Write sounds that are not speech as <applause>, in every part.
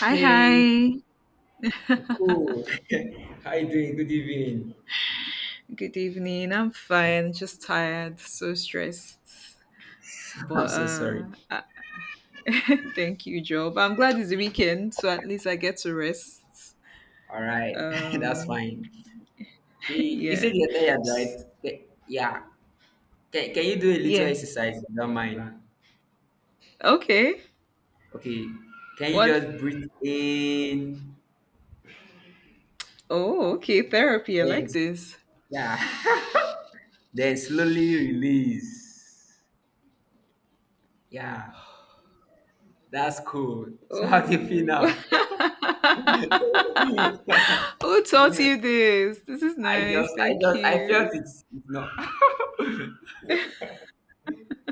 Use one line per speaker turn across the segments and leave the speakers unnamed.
Hi,
Hey,
hi.
cool. <laughs> How you doing? Good evening.
Good evening. I'm fine. Just tired, so stressed.
<laughs> I'm
But
so sorry.
uh, I- <laughs> Thank you, Job. I'm glad it's the weekend, so at least I get to rest.
All right, <laughs> that's fine.
<laughs>
Okay, you said
Yeah.
you're tired,
S-
right? Yeah. Can you do a little
Yeah.
exercise, if you don't mind?
Okay.
Okay. Can you
What?
just breathe in?
Oh, okay. Therapy. I
Then,
like this.
yeah. <laughs> Then slowly release. Yeah. That's cool. So how do you feel
Oh,
now?
<laughs>
<laughs>
who taught you this? This is nice. Thank
I
you.
felt it. No. <laughs>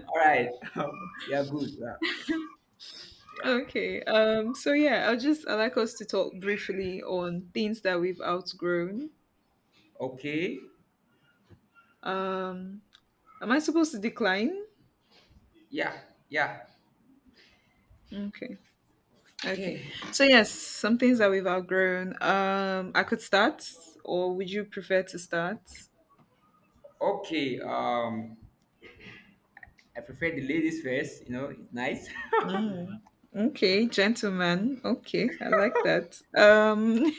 All right. <laughs> Um, yeah, good. Yeah. Yeah.
Okay. So yeah, I like us to talk briefly on things that we've outgrown.
Okay.
Um. Am I supposed to decline?
Yeah. Yeah.
Okay. Okay.
Okay.
So yes, some things that we've outgrown. I could start, or would you prefer to start?
Okay. I prefer the ladies first. You know, it's nice.
Okay, gentleman. Okay, I like that.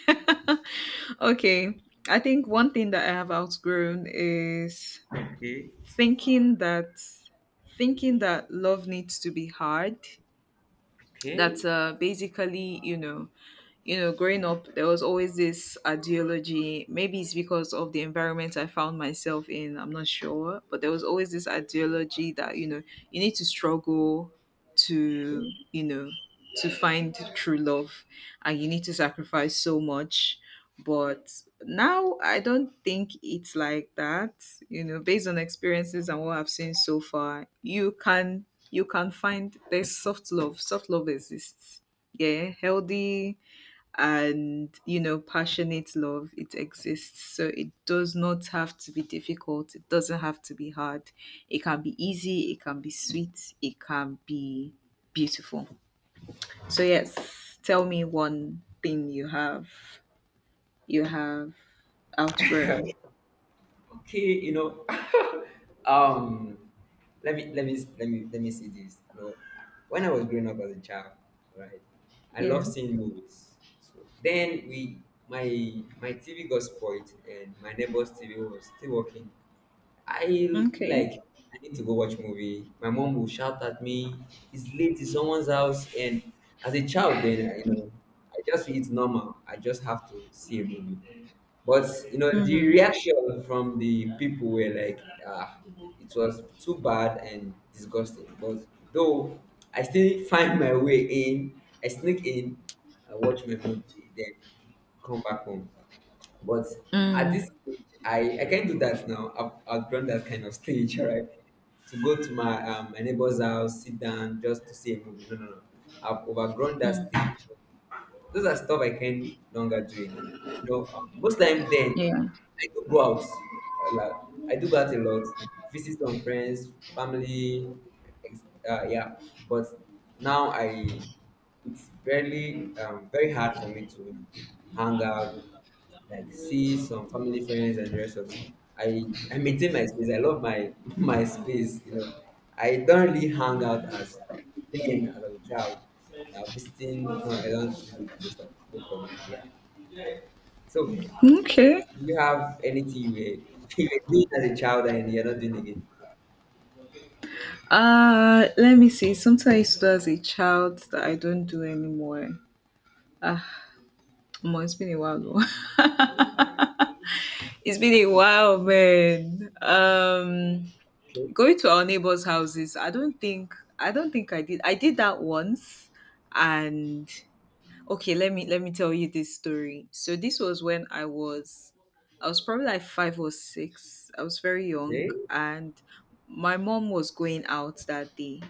<laughs> okay. I think one thing that I have outgrown is
<laughs> Okay.
thinking that thinking that love needs to be hard.
Okay.
That basically, growing up, there was always this ideology. Maybe it's because of the environment I found myself in, I'm not sure. But there was always this ideology that, you need to struggle to, you know, to find true love, and you need to sacrifice so much. But now I don't think it's like that. Based on experiences and what I've seen so far, you can find there's soft love. Soft love exists. Yeah, healthy and passionate love, it exists. So it does not have to be difficult, it doesn't have to be hard. It can be easy, it can be sweet, it can be beautiful. So yes, tell me one thing you have you have
<laughs>
outgrown.
Okay. You know. <laughs> um, let me see this. You know, when I was growing up as a child, right, I
Yeah.
love seeing movies. So then we my my TV got spoiled and my neighbor's TV was still working. I'll be
Okay.
like, I need to go watch movie. My mom will shout at me, it's late, it's someone's house. And as a child, then, you know, I just feel it's normal. I just have to see a movie. But, you know, the
Mm,
reaction from the people were like, ah, it was too bad and disgusting. But though I still find my way in, I sneak in, I watch my movie, then come back home. But at
mm,
this stage, I can't do that now. I've outgrown that kind of stage, all right? To go to my my neighbor's house, sit down just to see a movie. No, no, no. I've overgrown that
mm.
stage. Those are stuff I can no longer do again. You know, most time then
Yeah.
I do go out a lot. I do go out a lot, visit some friends, family, ex- yeah. But now it's really very hard for me to hang out, like see some family friends and the rest of it. I maintain my space. I love my <laughs> my space. You know, I don't really hang out as then as a child. Now visiting, no, I don't really do those type those of it. Yeah. So
Okay.
do you have anything you were, <laughs> you were doing as a child and you're not doing again?
Let me see something I used to do as a child that I don't do anymore. Omo, it's been a while though. It's been a while, man.
Okay.
Going to our neighbors' houses. I don't think I did. I did that once, and okay, let me tell you this story. So this was when I was probably like five or six. I was very young.
Okay.
And my mom was going out that day.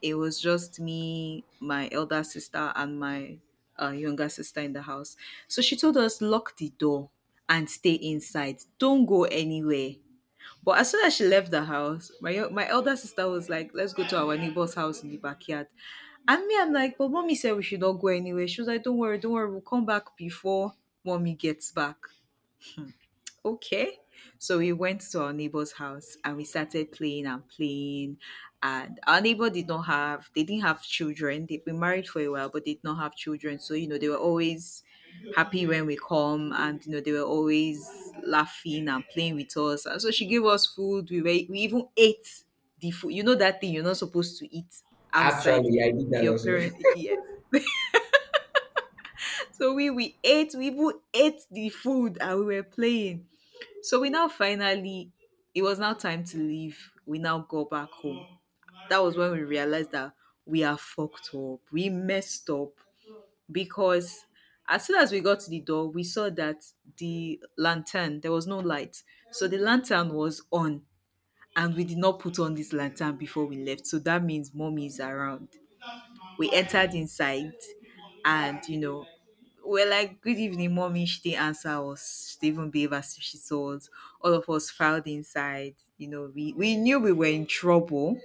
It was just me, my elder sister, and my younger sister in the house. So she told us, lock the door and stay inside, don't go anywhere. But as soon as she left the house, my elder sister was like, "Let's go to our neighbor's house in the backyard." And me, I'm like, "But mommy said we should not go anywhere." She was like, don't worry, we'll come back before mommy gets back." Okay. So we went to our neighbor's house, and we started playing and playing. And our neighbor did not have, they didn't have children. They've been married for a while, but did not have children. So, they were always happy when we come, and, they were always laughing and playing with us. And so she gave us food. We even ate the food. That thing you're not supposed to eat outside
Actually, I did
if
that
your
also. <laughs>
parent, yes. So we, we even ate the food, and we were playing. So it was now time to leave. We now go back home. That was when we realized that we are fucked up. We messed up because as soon as we got to the door, we saw that the lantern, there was no light. So the lantern was on, and we did not put on this lantern before we left. So that means mommy is around. We entered inside, and we're like, "Good evening, mommy." She didn't answer us, she didn't even behave as if she saw us. All of us filed inside, we knew we were in trouble.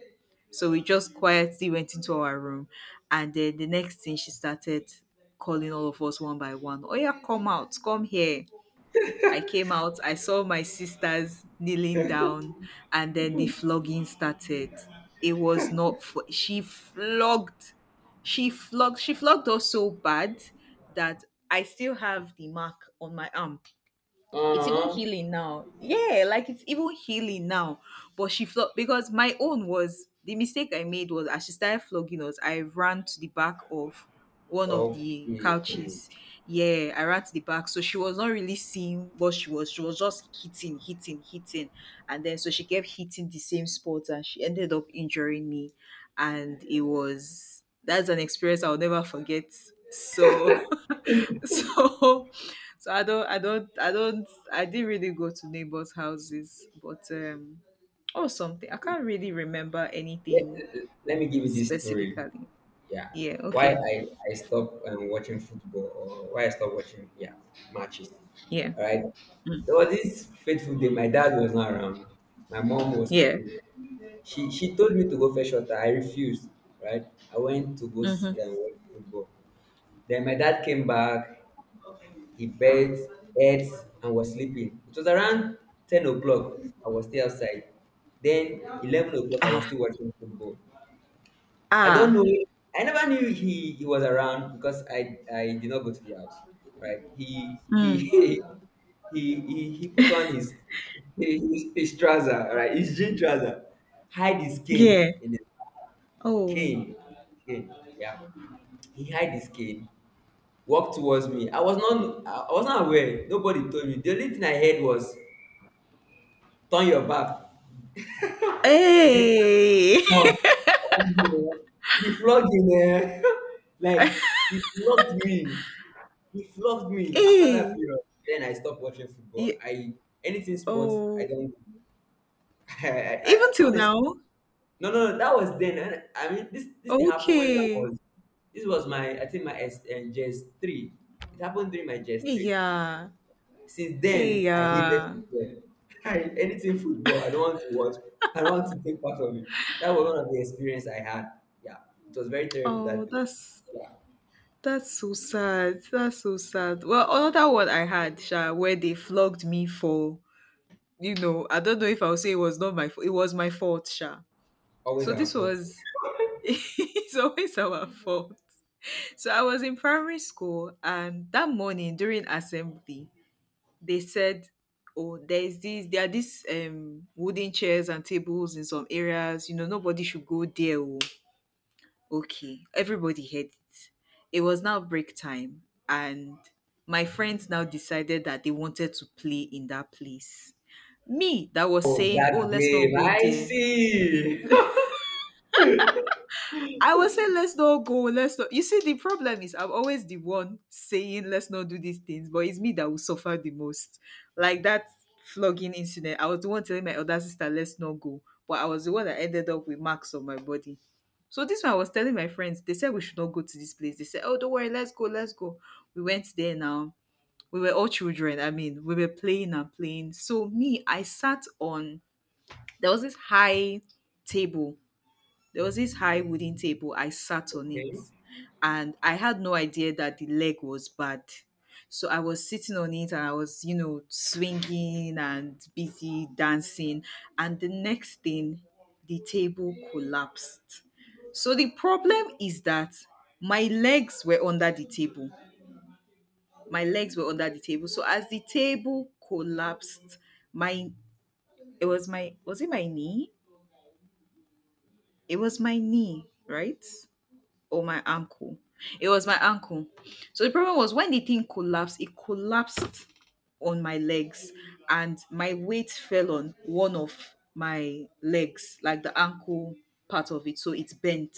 So we just quietly went into our room, and then the next thing, she started calling all of us one by one. Oh yeah, come out, come here. I came out, I saw my sisters kneeling down, and then the flogging started. It was not, fu- She flogged us so bad that I still have the mark on my arm. It's even
Uh,
healing now. Yeah, like it's even healing now. But she flogged because my own was, the mistake I made was, as she started flogging us, I ran to the back of one of the
okay.
couches. Yeah, I ran to the back. So she was not really seeing what she was. She was just hitting, hitting, hitting. And then so she kept hitting the same spot, and she ended up injuring me. And it was that's an experience I'll never forget. So <laughs> <laughs> so so i don't i don't i don't I didn't really go to neighbors houses, but or something, I can't really remember
Let,
anything
let me give you this story.
specifically.
Yeah.
Yeah.
Why
Okay.
I stopped watching football or why I stopped watching, yeah, matches.
Yeah,
All right. There was this fateful day. My dad was not around. My mom was
yeah.
cooking. She told me to go fetch water. I refused. Right. I went to go
Mm-hmm.
see and watch football. Then my dad came back. He bed, ate, and was sleeping. It was around 10 o'clock. I was still outside. Then 11 o'clock, I was
Ah.
still watching football. I don't
Ah.
know. I never knew he was around because I did not go to the house. Right? He <laughs>
Mm.
he put on his his trouser, right? His jean trouser, hide his cane
Yeah.
in his
Oh.
cane, cane. Yeah, he hide his cane. Walked towards me. I was not aware. Nobody told me. The only thing I heard was turn your back. The
Hey.
one,
<laughs>
omo, the flogging eh, <laughs> like he flogged me. He flogged me. After that
Hey.
period, then I stopped watching
Yeah.
football. I anything sports, I
Oh,
don't. <laughs> I
even till
honestly,
now.
no, no, no, that was then. And I mean, this thing happened when I
Okay.
was. This was my, I think my S and JS three. It happened during my JS three.
Yeah,
Since then, I hated
yeah.
football. <laughs> I, anything football, I don't want to watch. I don't want to take part of it. That was one of the experience I had. Yeah, it was very terrible
oh
that day.
that's
Yeah,
That's so sad. That's so sad. Well, another one I had, Sha, where they flogged me for, I don't know if I'll say it was not my fault. It was my fault, Sha.
always
So
our
this
fault.
was, <laughs> it's always our fault. So I was in primary school, and that morning during assembly, they said, "Oh, there are these wooden chairs and tables in some areas. You know, nobody should go there." oh." Okay, everybody heard it. It was now break time, and my friends now decided that they wanted to play in that place. Me, that was
Oh,
saying, oh,
that
let's not
game,
go
I
there.
see. <laughs>
I will say let's not go, let's not. You see, the problem is I'm always the one saying let's not do these things, but it's me that will suffer the most. Like that flogging incident, I was the one telling my older sister let's not go, but I was the one that ended up with marks on my body. So this one I was telling my friends, they said we should not go to this place. They said, oh, don't worry, let's go, let's go. We went there now. We were all children. I mean, we were playing and playing. So me, I sat on there was this high table there was this high wooden table. I sat on
Okay.
it, and I had no idea that the leg was bad. So I was sitting on it, and I was, swinging and busy dancing. And the next thing, the table collapsed. So the problem is that my legs were under the table. My legs were under the table. So as the table collapsed, my it was my was it my knee? It was my knee, right? Or my ankle. It was my ankle. So the problem was when the thing collapsed, it collapsed on my legs, and my weight fell on one of my legs, like the ankle part of it. So it bent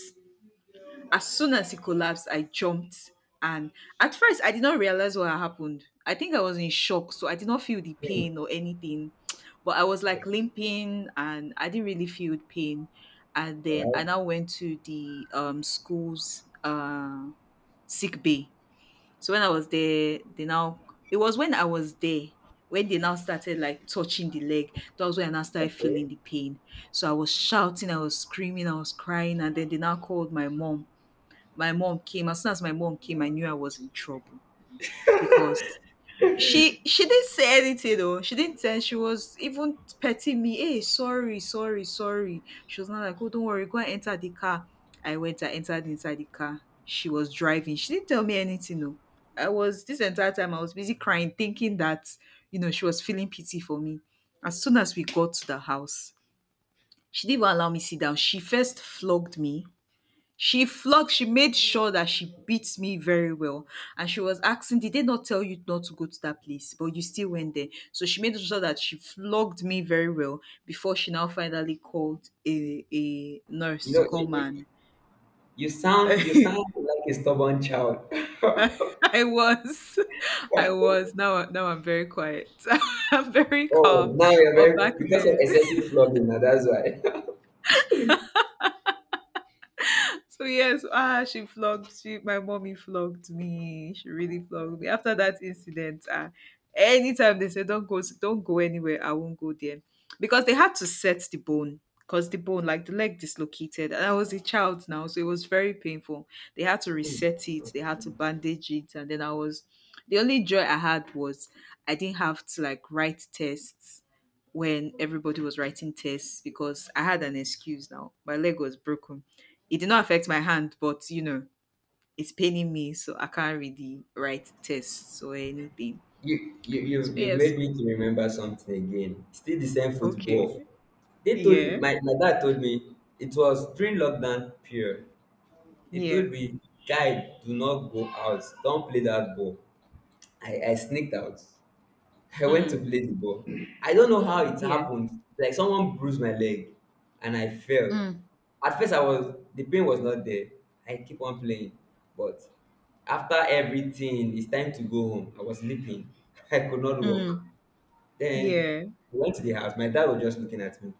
as soon as he collapsed, I jumped. And at first, I did not realize what had happened. I think I was in shock, so I did not feel the
Okay.
pain or anything. But I was like limping, and I didn't really feel pain. And
All
then I
right.
now went to the school's sick bay. So when I was there, they now it was when I was there when they now started like touching the leg. That was when I now started feeling
Okay.
the pain. So I was shouting, I was screaming, I was crying, and then they now called my mom. My mom came. As soon as my mom came, I knew I was in trouble because she didn't say anything though. She didn't tell. She was even petting me. Hey, sorry, sorry, sorry. She was not like, oh, don't worry, go and enter the car. I went. I entered inside the car. She was driving. She didn't tell me anything though. I was, this entire time I was busy crying, thinking that she was feeling pity for me. As soon as we got to the house, she didn't even allow me sit down. She first flogged me, she made sure that she beat me very well. And she was asking, did they not tell you not to go to that place? But you still went there. So she made sure that she flogged me very well before she now finally called a nurse
You
to
know, you,
come
you,
and.
you sound, you sound
<laughs>
like a stubborn child. <laughs>
I was, I was. Now I'm very quiet. <laughs> I'm very
Oh,
calm.
now you're
But back
very because of
then,
excessive flogging. Now that's why.
So yes, she flogged. My mommy flogged me. She really flogged me. After that incident, anytime they say don't go anywhere, I won't go there, because they had to set the bone, because the bone, like the leg, dislocated. And I was a child now, so it was very painful. They had to
<laughs> Hmm.
reset it. They had to bandage it, and then I was. The only joy I had was I didn't have to like write tests when everybody was writing tests because I had an excuse now. My leg was broken. It did not affect my hand, but it's paining me, so I can't really write tests or anything.
You you you
So
you
yes,
made me to remember something again. Still the same football.
okay,
They told me
yeah,
my dad told me it was during lockdown period. They
yeah,
told me, guy, do not go out. Don't play that ball. I sneaked out. I went to
mm,
play the ball. I don't know how it
yeah,
happened. Like someone bruised my leg and I fell.
mm,
At first I was the pain was not there. I keep on playing. But after everything, it's time to go home. I was sleeping. <laughs> I could not walk.
mm,
Then
yeah,
we went to the house. My dad was just looking at me.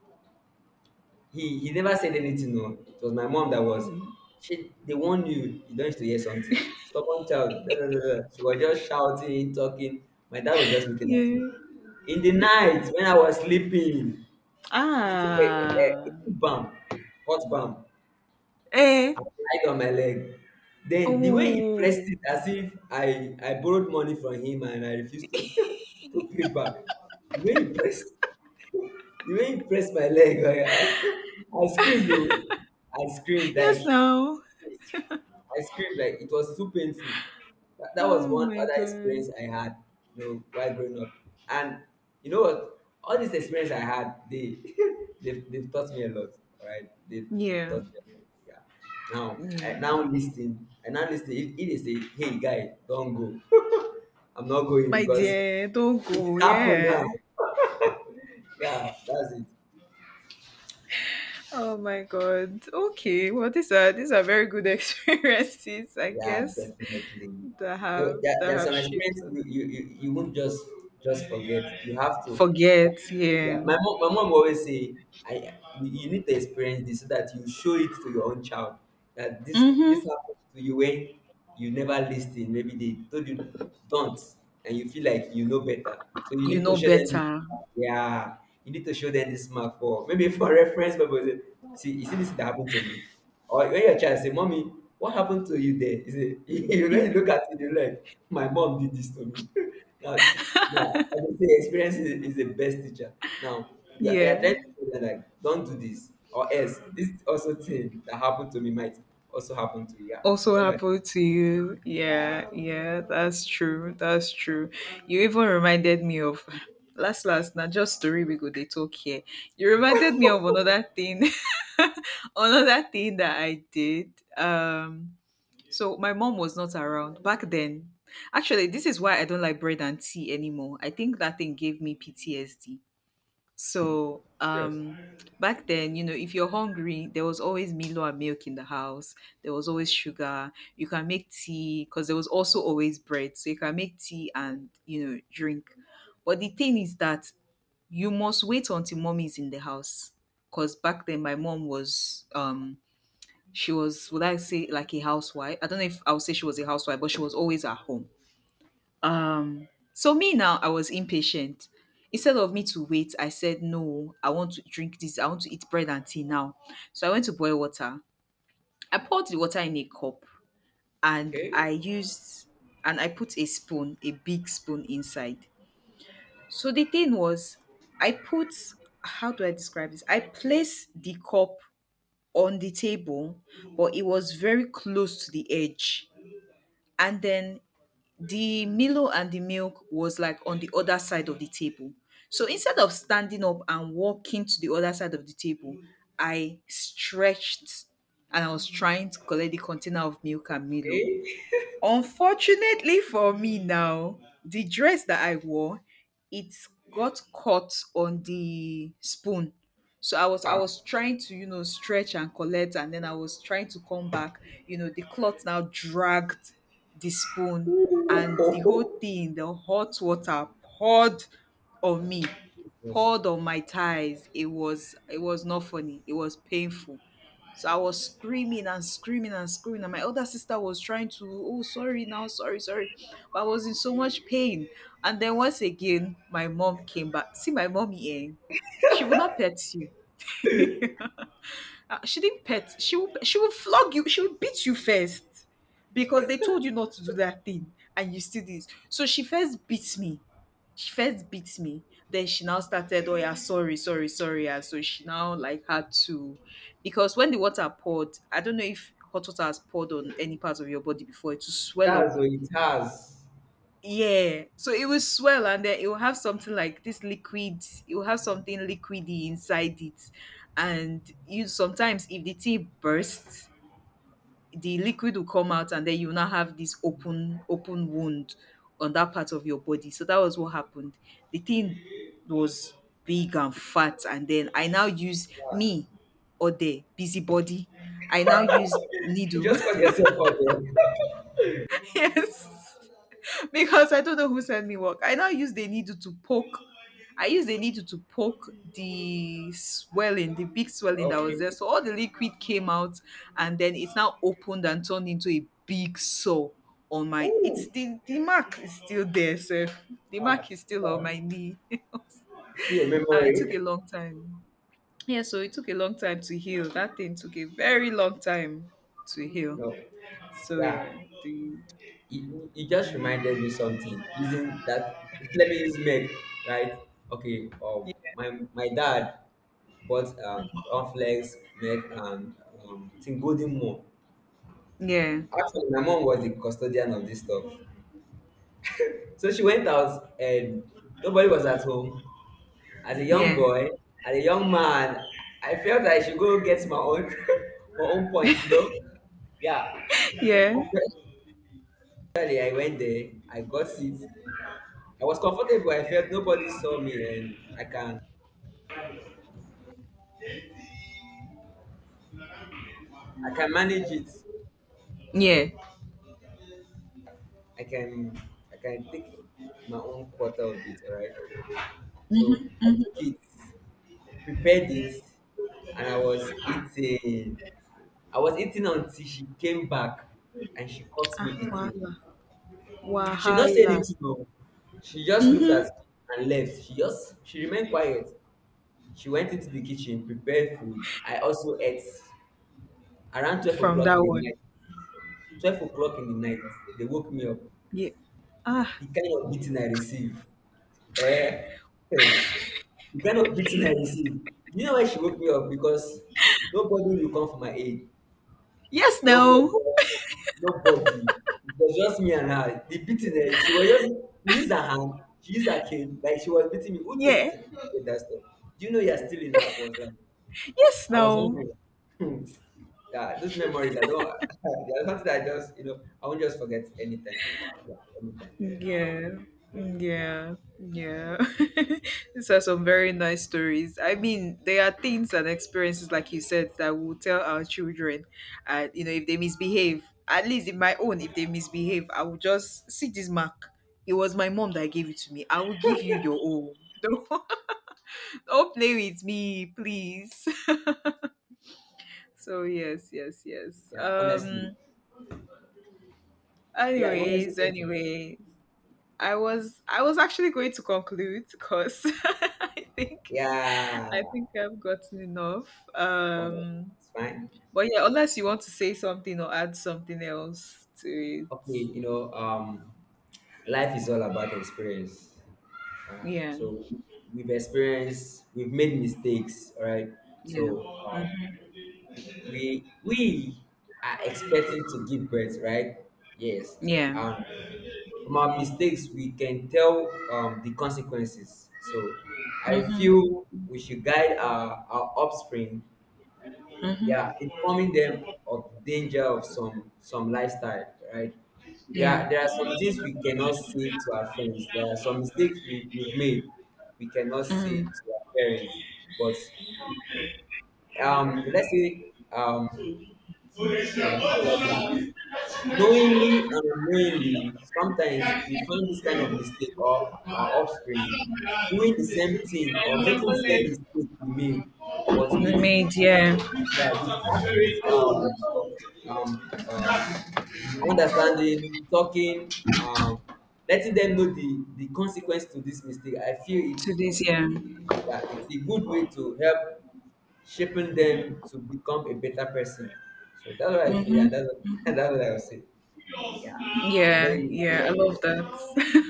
He never said anything. No, it was my mom that was.
mm,
She they warned you. You don't need to hear something. Stubborn child. Da, da, da, da. She was just shouting, talking. My dad was just looking at me.
yeah.
In the night when I was sleeping, he took a
Ah,
he took balm, hot balm,
eh,
applied on my leg. Then the way he pressed
oh,
it, as if I borrowed money from him and I refused to <laughs> to pay back. The way he pressed. The way he pressed my leg, like, I, <laughs> I screamed, oh. I screamed like
yes, now.
I screamed like it was too painful. That was
Oh
one
my
other
god.
experience I had, you know, while growing up. And you know what? All these experience I had, they <laughs> they've taught me a lot. All right, they've
Yeah,
taught me a lot. Yeah. Now I
yeah.
now listen. I now listen. If it is a, "Hey guy, don't go," <laughs> I'm not going
My
because
dear, don't
it
go.
happened
Yeah.
now. <laughs> Yeah, that's it.
Oh my god. Okay. Well, these are very good <laughs> experiences, I
Yeah,
guess,
definitely.
that
No,
have that
there are
have
some
shaped
experience
us.
you won't just forget. You have to.
Forget,
Yeah,
yeah.
my mom always say, I you need to experience this so that you show it to your own child that this
Mm-hmm.
happened to you when you never listened. Maybe they told you don't, and you feel like you know better. So you
You
need to
know
show them this
better.
mark. Yeah, you need to show them this mark for maybe for <laughs> reference purposes. See, you see this that happened to me. Or when your child say, "Mommy, what happened to you there?" You say, <laughs> you when you
Mm,
look at it, you're like, "My mom did this to me." <laughs> Now, now I would say experience is the best teacher. Now, you are
yeah.
trying to tell them like, "Don't do this," or else this also thing that happened to me might also happen to you. Yeah,
Also
that's right.
happened to you. Yeah, yeah, that's true. That's true. You even reminded me of <laughs> last not just story we go they talk here. You reminded me of another thing <laughs> another thing that I did. So my mom was not around back then. Actually, this is why I don't like bread and tea anymore. I think that thing gave me PTSD. So
Yes.
back then, if you're hungry, there was always Milo and milk in the house. There was always sugar. You can make tea because there was also always bread. So you can make tea and drink. But the thing is that you must wait until mom is in the house. Cause back then my mom was, she was, would I say like a housewife? I don't know if I would say she was a housewife, but she was always at home. Um so me now, I was impatient. Instead of me to wait, I said no, I want to drink this, I want to eat bread and tea now. So I went to boil water. I poured the water in a cup, and I
Okay.
used, and I put a spoon, a big spoon inside. So the thing was, I put, how do I describe this, I placed the cup on the table, but it was very close to the edge. And then the Milo and the milk was like on the other side of the table. So instead of standing up and walking to the other side of the table, I stretched, and I was trying to collect the container of milk and Milo.
Okay.
Unfortunately for me now, the dress that I wore, it got caught on the spoon. So I was I
Ah.
was trying to, you know, stretch and collect, and then I was trying to come back. You know, the cloth now dragged the spoon, and the whole
Ooh.
thing, the hot water poured on me,
<laughs> Jesus.
poured on my thighs. It was not funny. It was painful. So I was screaming and screaming and screaming, and my older sister was trying to, oh, sorry now, sorry, sorry. But I was in so much pain. And then once again, my mom came back. See, my mommy, eh? She will not pet you. She didn't pet. She will flog you. She will beat you first because they told you not to do that thing and you still did. So she first beat me, then she now started, oh yeah, sorry, sorry, sorry. And so she now like had to, because when the water poured, I don't know if hot water has poured on any part of your body before, it will swell up.
That's what it has.
Yeah, so it will swell, and then it will have something like this liquid, it will have something liquidy inside it. And you sometimes if the tea bursts, the liquid will come out, and then you now have this open open wound on that part of your body. So that was what happened. The thing was big and fat, and then I now use
Yeah.
me, or the busybody, I now use
You
needle.
just call yourself out there. <laughs>
<laughs> Yes, because I don't know who sent me work. I now use the needle to poke. I use the needle to poke the swelling, the big swelling that was
Okay.
there. So all the liquid came out, and then it's now opened and turned into a big sore on my. It's
Ooh.
the mark is still there, sir. The
Ah,
mark is still on my
stop.
knee. <laughs>
See a
Ah, it took a
memory.
long time. Yeah, so it took a long time to heal. That thing took a very long time to heal.
No.
So
Yeah.
yeah, the
It just
the
reminded me something. Isn't that <laughs> let me use make right? Okay. My my dad bought cornflakes, milk and thing golden more.
yeah
Actually my mom was the custodian of this stuff. So she went out and nobody was at home. As a young
yeah.
boy, as a young man, I felt like I should go get my own <laughs> my own point, you know? Yeah.
Yeah.
Actually, I went there. I got it. I was comfortable. I felt nobody saw me, and I can manage it.
Yeah.
I can I can take my own quarter of it. All right. So I took
Hmm.
it, prepared it, and I was eating. I was eating until she came back, and she caught me
Ah,
eating it.
wahala.
She did not say
Wahala.
anything. No. She just looked
Hmm.
at me and left. She remained quiet. She went into the kitchen, prepared food. I also ate. Around 12
From
o'clock in
that
the
one.
night, 12 o'clock in the night, they woke me up.
Yeah. Ah.
The kind of beating I received. Eh, eh, the kind of beating I received. You know why she woke me up? Because nobody will come for my aid.
Yes,
No,
no.
nobody. Nobody. It was just me and her. The beating, eh, she was just, she used her hand, she used her cane, like she was beating me. Who told you
Yeah.
to do that stuff? Do you know you're still in her? I was like,
Yes,
I was
no.
hungry. <laughs> Hmm. Yeah, those memories, I don't, <laughs> they're something that I just, you know, I won't just forget anytime. Yeah, anytime.
Yeah. Yeah. Yeah. <laughs> These are some very nice stories. I mean, there are things and experiences, like you said, that we will tell our children. And, if they misbehave, at least in my own, if they misbehave, I will just see this mark. It was my mom that gave it to me. I will give you your own. <laughs> Don't Don't play with me, please. <laughs> So yes, yes, yes.
Yeah, honestly. Yeah, you want to say
Anyways,
something?
anyways. I was actually going to conclude because <laughs> I think
Yeah,
I think I've gotten enough.
well,
Um
it's fine.
but yeah, unless you want to say something or add something else to
Okay, you
it.
know, life is all about experience.
Yeah.
So we've experienced, we've made mistakes, all right?
Yeah.
So
Mhm.
we are expecting to give birth, right? Yes.
Yeah.
And from our mistakes we can tell the consequences. So I
Mhm.
feel we should guide our offspring,
Mhm.
yeah, informing them of danger of some lifestyle, right?
Yeah.
There are some things we cannot say to our friends. There are some mistakes we've made we cannot say
Mm.
to our parents. But let's say um how will I put it? Knowingly and unknowingly, sometimes we find this kind of mistake or our offspring doing the same thing or making the same mistake we made, but with
Made yeah
yeah, with accurate um, um, understanding, talking, um, letting them know the consequence to this mistake. I feel
to this
it's
yeah
yeah, it's a good way to help shaping them to become a better person. So that's what I feel, and <laughs> and that's what I would say. Yeah. And then
yeah
you,
yeah I
yeah,
love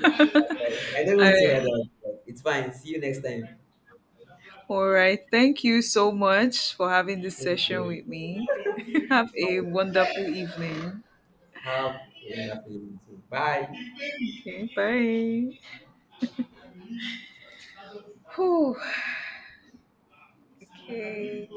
yeah, that's right. I
<laughs>
don't want to hear
I
that, but it's fine. See you next time.
All right. Thank you so much for having this
Thank
session
you.
with me. <laughs> Have
It's
a
fine.
wonderful evening.
Have a wonderful evening too. Bye.
Okay. Bye. Whew. Okay.